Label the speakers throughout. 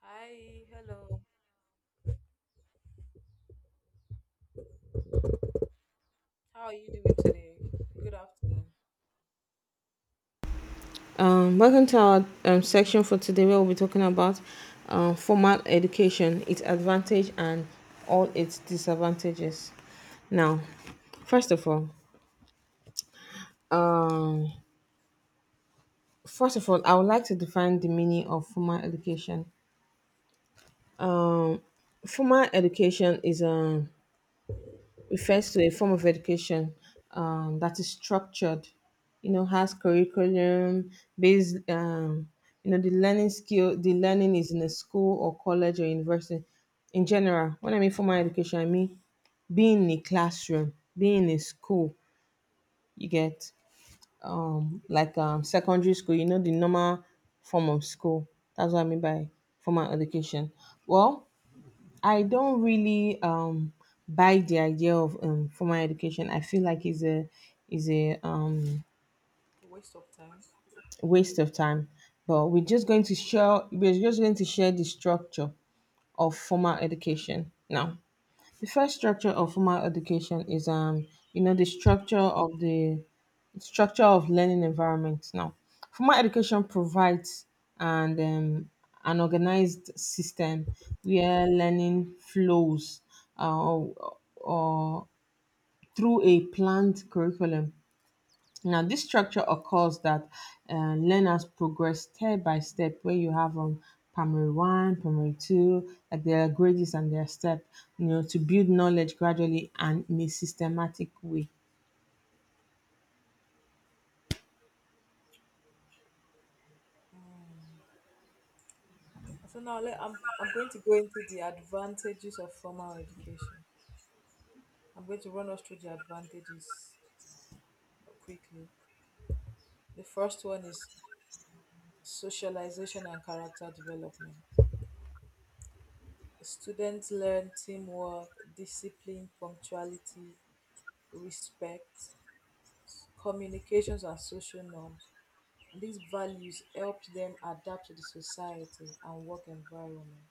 Speaker 1: Hi, hello. How are you doing today? Good afternoon.
Speaker 2: Welcome to our section for today where we'll be talking about formal education, its advantage and all its disadvantages. Now, first of all, first of all, I would like to define the meaning of formal education. Formal education is refers to a form of education that is structured, you know, has curriculum based, the learning skill, the learning is in a school or college or university. In general, when I mean formal education, I mean being in a classroom, being in a school, you get
Speaker 1: Yes.
Speaker 2: secondary school, you know, the normal form of school. That's what I mean by formal education. Well, I don't really buy the idea of formal education. I feel like it's a
Speaker 1: A waste of time.
Speaker 2: waste of time. But we're just going to share we're just going to share the structure of formal education now. The first structure of formal education is you know the structure of learning environment. Now, formal education provides and an organized system where learning flows or through a planned curriculum now, this structure occurs that learners progress step by step where you have primary one, primary two, like their grades and their step, you know, to build knowledge gradually and in a systematic way.
Speaker 1: So now let, I'm going to go into the advantages of formal education. I'm going to run us through the advantages quickly. The first one is socialization and character development. Students learn teamwork, discipline, punctuality, respect, communications and social norms. These values helped them adapt to the society and work environment.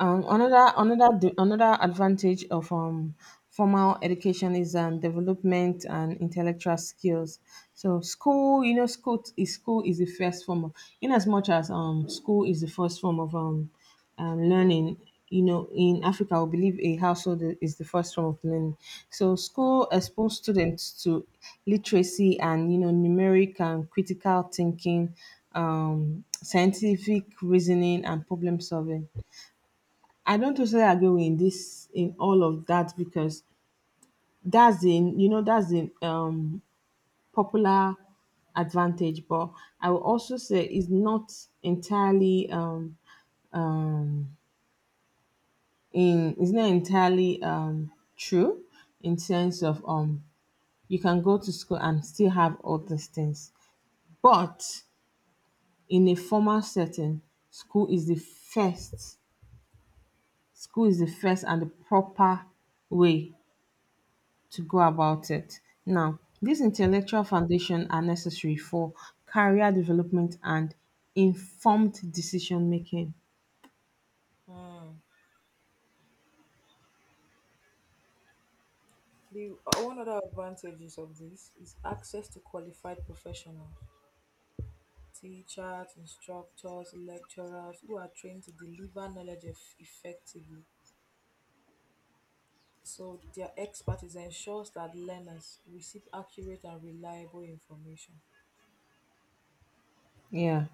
Speaker 2: Another advantage of formal education is development and intellectual skills. So school, you know, school is the first form of, in as much as school is the first form of learning. You know, in Africa, I believe a household is the first form of learning. So school expose students to literacy and you know numeric and critical thinking, scientific reasoning and problem solving. I don't totally agree with this in all of that because that's the you know that's the popular advantage, but I will also say it's not entirely um in it's not entirely true in sense of you can go to school and still have all these things. But in a formal setting, school is the first school is the first and the proper way to go about it. Now, these intellectual foundation are necessary for career development and informed decision making.
Speaker 1: Hmm. The one other advantages of this is access to qualified professionals, teachers, instructors, lecturers who are trained to deliver knowledge effectively. So their expertise ensures that learners receive accurate and reliable information.
Speaker 2: Yeah,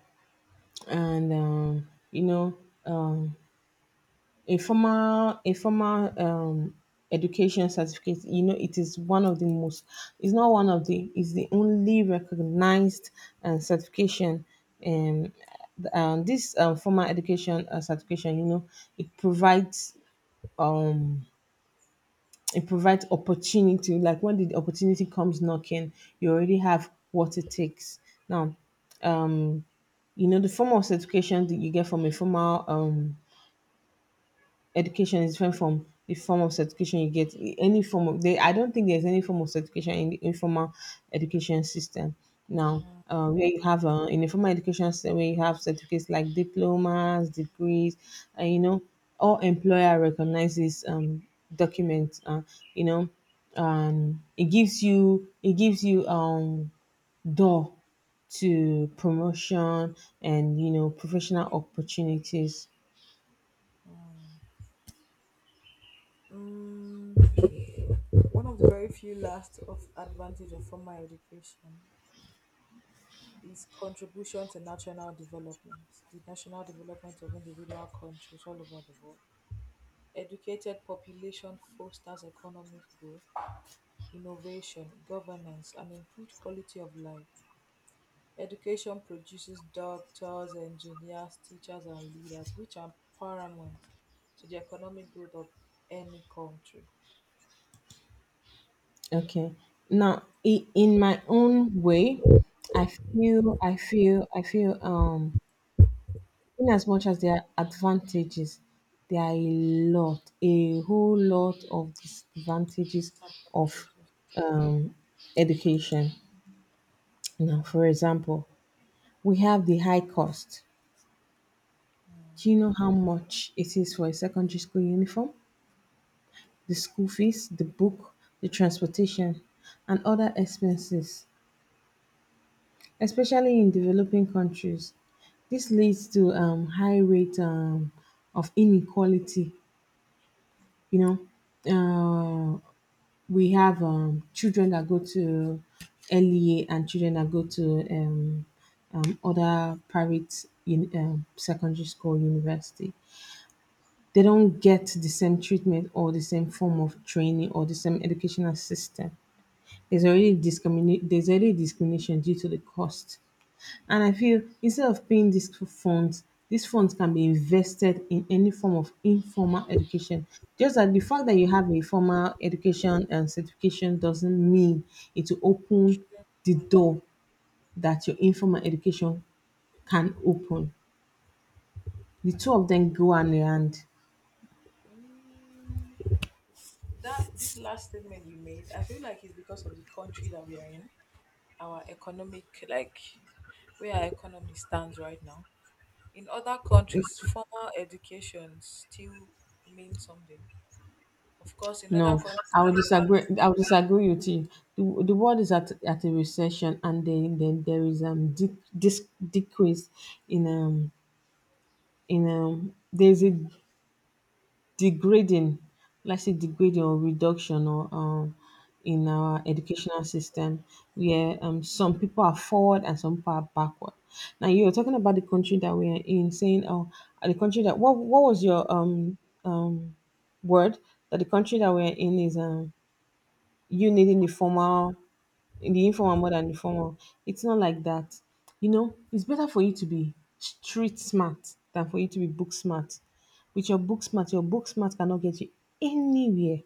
Speaker 2: and um, a formal education certificate. You know, it is one of the most. It's not one of the. It's the only recognized certification. Um, this formal education certification, you know, it provides um it provides opportunity. Like when the opportunity comes knocking, you already have what it takes. Now, you know, the form of certification that you get from a formal education is different from the form of certification you get. Any form of they, I don't think there's any form of certification in the informal education system now. Where you have in the formal education system, where you have certificates like diplomas, degrees, and you know, all employer recognizes documents. You know, it gives you door to promotion and you know professional opportunities.
Speaker 1: Mm, one of the very few last of advantage of formal education his contribution to national development, the national development of individual countries all over the world. Educated population fosters economic growth, innovation, governance, and improved quality of life. Education produces doctors, engineers, teachers, and leaders, which are paramount to the economic growth of any country.
Speaker 2: Okay. Now, in my own way, I I feel in as much as there are advantages, there are a whole lot of disadvantages of
Speaker 1: Advantages.
Speaker 2: um, education. Now, for example, we have the high cost. Do you know how much it is for a secondary school uniform, the school fees, the book, the transportation, and other expenses? Especially in developing countries. This leads to high rate of inequality. You know, we have children that go to LEA and children that go to other private secondary school, university. They don't get the same treatment or the same form of training or the same educational system. There's already discriminate. There's already discrimination due to the cost. And I feel instead of paying these two funds, these funds can be invested in any form of informal education. Just that the fact that you have a formal education and certification doesn't mean it will open the door that your informal education can open. The two of them go hand in hand.
Speaker 1: Mm, that this last statement you made, I feel like it's because of the country that we are in, our economic, like where our economy stands right now. In other countries, formal education still means something. Of course, in other
Speaker 2: No,
Speaker 1: countries
Speaker 2: I would
Speaker 1: they have
Speaker 2: disagree. I would disagree with you. The world is at a recession, and then there is decrease in um in there's a degrading like say degrading or reduction or in our educational system where some people are forward and some people are backward. Now you were talking about the country that we are in, saying oh the country that what was your word that the country that we are in is you needing the formal in the informal more than the formal. It's not like that. You know, it's better for you to be street smart than for you to be book smart. With your book smart cannot get you anywhere.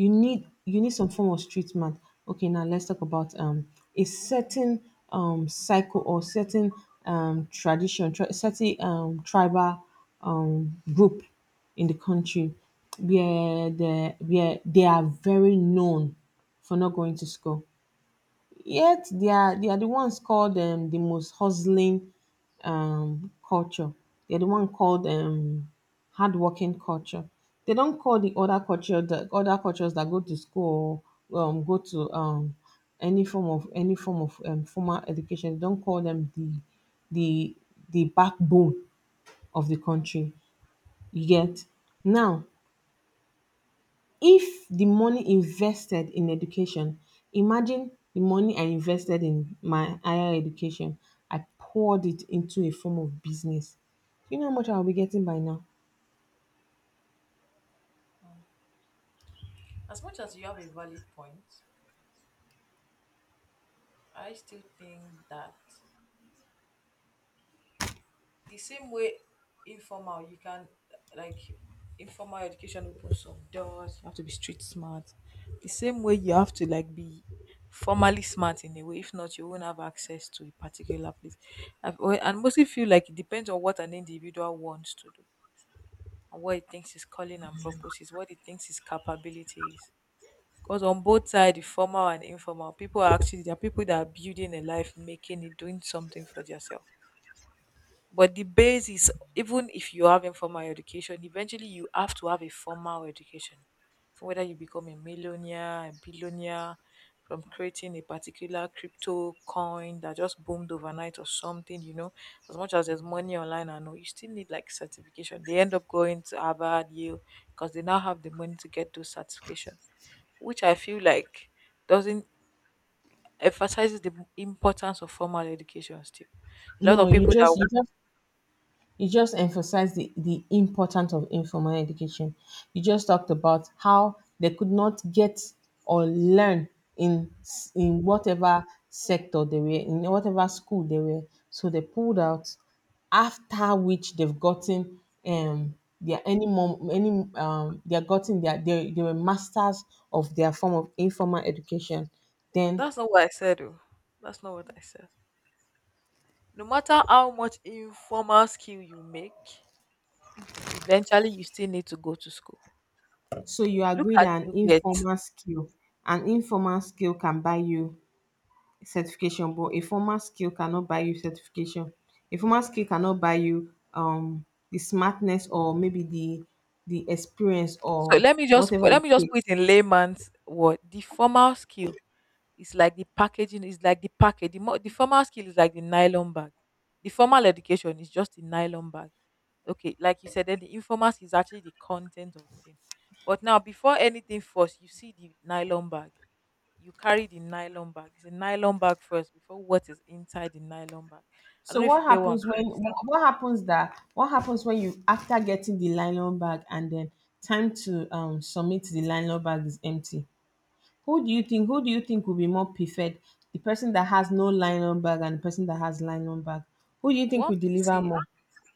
Speaker 2: You need some form of street smart. Okay, now let's talk about a certain cycle or certain certain tribal group in the country where they are very known for not going to school. Yet they are the ones called the most hustling culture. They're the one called hardworking culture. They don't call the other culture the other cultures that go to school or go to any form of formal education. They don't call them the the backbone of the
Speaker 1: uh,
Speaker 2: country. You get now, if the money invested in education, imagine the money I invested in my higher education, I poured it into a form of business. Do you know how much I'll be getting by now?
Speaker 1: uh, as much as you have a valid point, I still think that the same way informal you can, like, informal education opens some doors, you have to be street smart. The same way you have to like be formally smart in a way, if not you won't have access to a particular place. And mostly feel like it depends on what an individual wants to do and what he thinks his calling and purpose is, what he thinks his capability is, because on both sides, the formal and informal, people are actually, there are people that are building a life, making it, doing something for themselves. But the base is, even if you have informal education, eventually you have to have a formal education. For whether you become a millionaire, a billionaire, from creating a particular crypto coin that just boomed overnight or something, you know, as much as there's money online, I know you still need like certification. They end up going to Harvard, Yale, because they now have the money to get those certification, which I feel like doesn't emphasizes the importance of formal education still. A lot
Speaker 2: No
Speaker 1: of
Speaker 2: you
Speaker 1: people
Speaker 2: just
Speaker 1: that—
Speaker 2: You just emphasized the importance of informal education. You just talked about how they could not get or learn in whatever sector they were in, whatever school they were. So they pulled out, after which they've gotten um their any mom any they are gotten their they were masters of their form of informal education. Then
Speaker 1: that's not what I said, though. That's not what I said. No matter how much informal skill you make, eventually you still need to go to school.
Speaker 2: so you
Speaker 1: Look
Speaker 2: agree
Speaker 1: at
Speaker 2: that
Speaker 1: Bill Gates.
Speaker 2: an informal skill can buy you certification, but a formal skill cannot buy you certification. A formal skill cannot buy you the smartness, or maybe the experience
Speaker 1: So
Speaker 2: or
Speaker 1: let me just
Speaker 2: whatever
Speaker 1: let
Speaker 2: it
Speaker 1: me just put it
Speaker 2: takes.
Speaker 1: in layman's word. The formal skill is like the packaging, is like the package. The formal skill is like the nylon bag. The formal education is just the nylon bag. Okay, like you said, then the informal skill is actually the content of the thing. But now, before anything first, you see the nylon bag. You carry the nylon bag. It's a nylon bag first before what is inside the nylon bag. I don't
Speaker 2: So
Speaker 1: know if
Speaker 2: what
Speaker 1: you get what I'm
Speaker 2: happens when
Speaker 1: trying to say.
Speaker 2: wh- what happens that what happens when you, after getting the nylon bag and then time to submit, the nylon bag is empty? Who do you think will be more preferred, the person that has no nylon bag and the person that has nylon bag? Who do you think
Speaker 1: What
Speaker 2: will
Speaker 1: makes
Speaker 2: deliver
Speaker 1: it,
Speaker 2: more?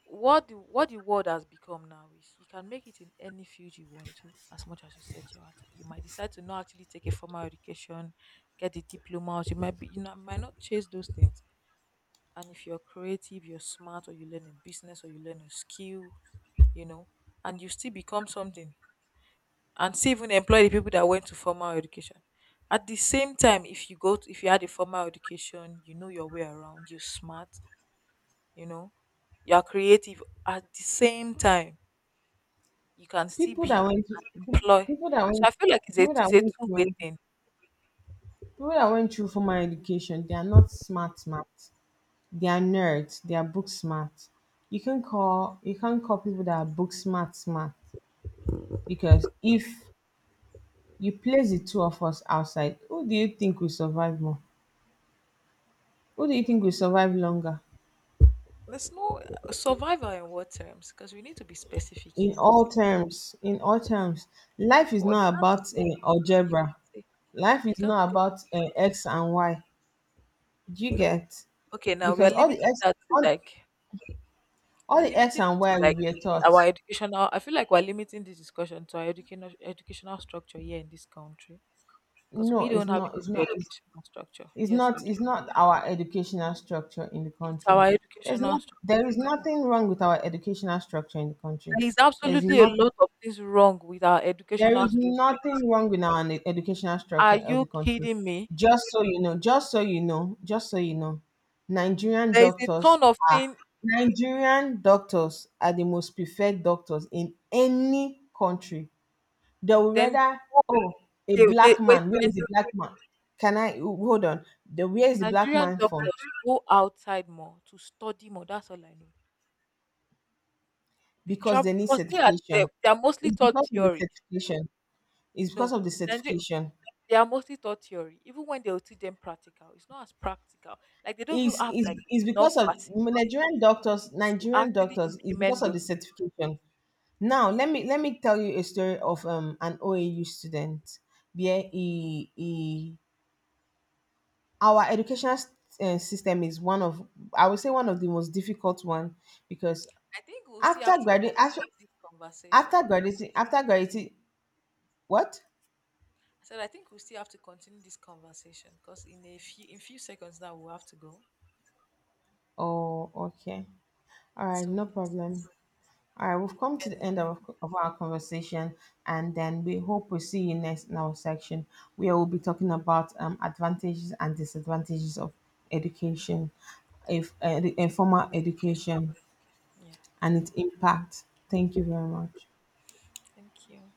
Speaker 1: what the, what the world has become now is you can make it in any field you want to, as much as you set your heart. You might decide to not actually take a formal education, get a diploma, or you might be, you know, might not chase those things. And if you're creative, you're smart, or you learn a business or you learn a skill, you know, and you still become something and still even employ the people that went to formal education. At the same time, if you go to, if you had a formal education, you know your way around, you're smart, you know, you're creative at the same time, you can still
Speaker 2: People that
Speaker 1: build
Speaker 2: went
Speaker 1: and employ.
Speaker 2: people that
Speaker 1: So
Speaker 2: went
Speaker 1: I feel like it's
Speaker 2: people
Speaker 1: a
Speaker 2: that
Speaker 1: it's a
Speaker 2: went
Speaker 1: two-way
Speaker 2: through
Speaker 1: thing.
Speaker 2: People that went through formal education, they are not smart smart. They are nerds, they are book smart. You can call people that are book smart smart. Because if you place the two of us outside, who do you think will survive more? Who do you think will survive longer?
Speaker 1: There's no survival in what terms? Because we need to be specific here now.
Speaker 2: In all terms, life is
Speaker 1: Or you
Speaker 2: not
Speaker 1: can't
Speaker 2: about
Speaker 1: say you
Speaker 2: algebra.
Speaker 1: can't say
Speaker 2: Life
Speaker 1: You
Speaker 2: is
Speaker 1: can't
Speaker 2: not
Speaker 1: say
Speaker 2: about
Speaker 1: that
Speaker 2: x
Speaker 1: terms.
Speaker 2: and y. Do you
Speaker 1: No.
Speaker 2: get?
Speaker 1: Okay, now we are
Speaker 2: Because
Speaker 1: limiting that to
Speaker 2: all,
Speaker 1: like,
Speaker 2: all
Speaker 1: we're
Speaker 2: the X
Speaker 1: limiting
Speaker 2: and
Speaker 1: it to
Speaker 2: Y we
Speaker 1: like
Speaker 2: were taught.
Speaker 1: our educational. I feel like we're limiting this discussion to our educational educational structure here in this country, because
Speaker 2: No,
Speaker 1: we
Speaker 2: it's
Speaker 1: don't have a
Speaker 2: not. It's
Speaker 1: good
Speaker 2: not.
Speaker 1: educational structure.
Speaker 2: It's
Speaker 1: Yes, we
Speaker 2: not.
Speaker 1: do.
Speaker 2: It's not our educational structure in the
Speaker 1: It's
Speaker 2: country.
Speaker 1: our
Speaker 2: There's
Speaker 1: educational
Speaker 2: not. There is
Speaker 1: structure.
Speaker 2: nothing wrong with our educational structure in the country.
Speaker 1: There is
Speaker 2: There's
Speaker 1: absolutely a
Speaker 2: not.
Speaker 1: lot of things wrong with our
Speaker 2: There
Speaker 1: educational
Speaker 2: is
Speaker 1: structure in this
Speaker 2: nothing
Speaker 1: country.
Speaker 2: wrong with our educational
Speaker 1: Are
Speaker 2: structure of the
Speaker 1: you
Speaker 2: country.
Speaker 1: kidding me?
Speaker 2: Just so you know. Nigerian
Speaker 1: There is a
Speaker 2: doctors
Speaker 1: ton of
Speaker 2: are
Speaker 1: thing.
Speaker 2: Nigerian doctors are the most preferred doctors in any country. They will
Speaker 1: Then
Speaker 2: rather, oh, a
Speaker 1: they
Speaker 2: black
Speaker 1: wait.
Speaker 2: man, where
Speaker 1: Then
Speaker 2: is the black man? Can I hold on? The Where is the black
Speaker 1: Nigerian
Speaker 2: man from?
Speaker 1: doctors go outside more to study more. That's all I know. They
Speaker 2: Because they
Speaker 1: travel
Speaker 2: need
Speaker 1: because they are they,
Speaker 2: certification.
Speaker 1: they are mostly
Speaker 2: It's
Speaker 1: taught
Speaker 2: because of the
Speaker 1: theory.
Speaker 2: certification. It's because
Speaker 1: No,
Speaker 2: of the
Speaker 1: Nigeria.
Speaker 2: certification.
Speaker 1: They are mostly taught theory. Even when they will teach them practical, it's not as practical. Like they don't even have like
Speaker 2: Is because
Speaker 1: enough
Speaker 2: of
Speaker 1: facilities
Speaker 2: Nigerian doctors,
Speaker 1: to actually
Speaker 2: Is because
Speaker 1: implement
Speaker 2: of the
Speaker 1: those things.
Speaker 2: certification. Now, let me tell you a story of an OAU student. Yeah, he, our educational system is one of, I would say, one of the most difficult one because
Speaker 1: I think we'll still
Speaker 2: after
Speaker 1: have to
Speaker 2: graduating,
Speaker 1: continue this conversation.
Speaker 2: after graduating, what?
Speaker 1: I said, I think we still have to continue this conversation because in a few, in few seconds now we'll have to go.
Speaker 2: Oh, okay. All right,
Speaker 1: So
Speaker 2: no
Speaker 1: yes,
Speaker 2: problem. All right, we've come to the
Speaker 1: and
Speaker 2: end of our conversation, and then we hope we see you next in our section where we'll be talking about advantages and disadvantages of education, if the informal
Speaker 1: formal education.
Speaker 2: education,
Speaker 1: Yeah.
Speaker 2: and its impact. Thank you very much.
Speaker 1: Thank you.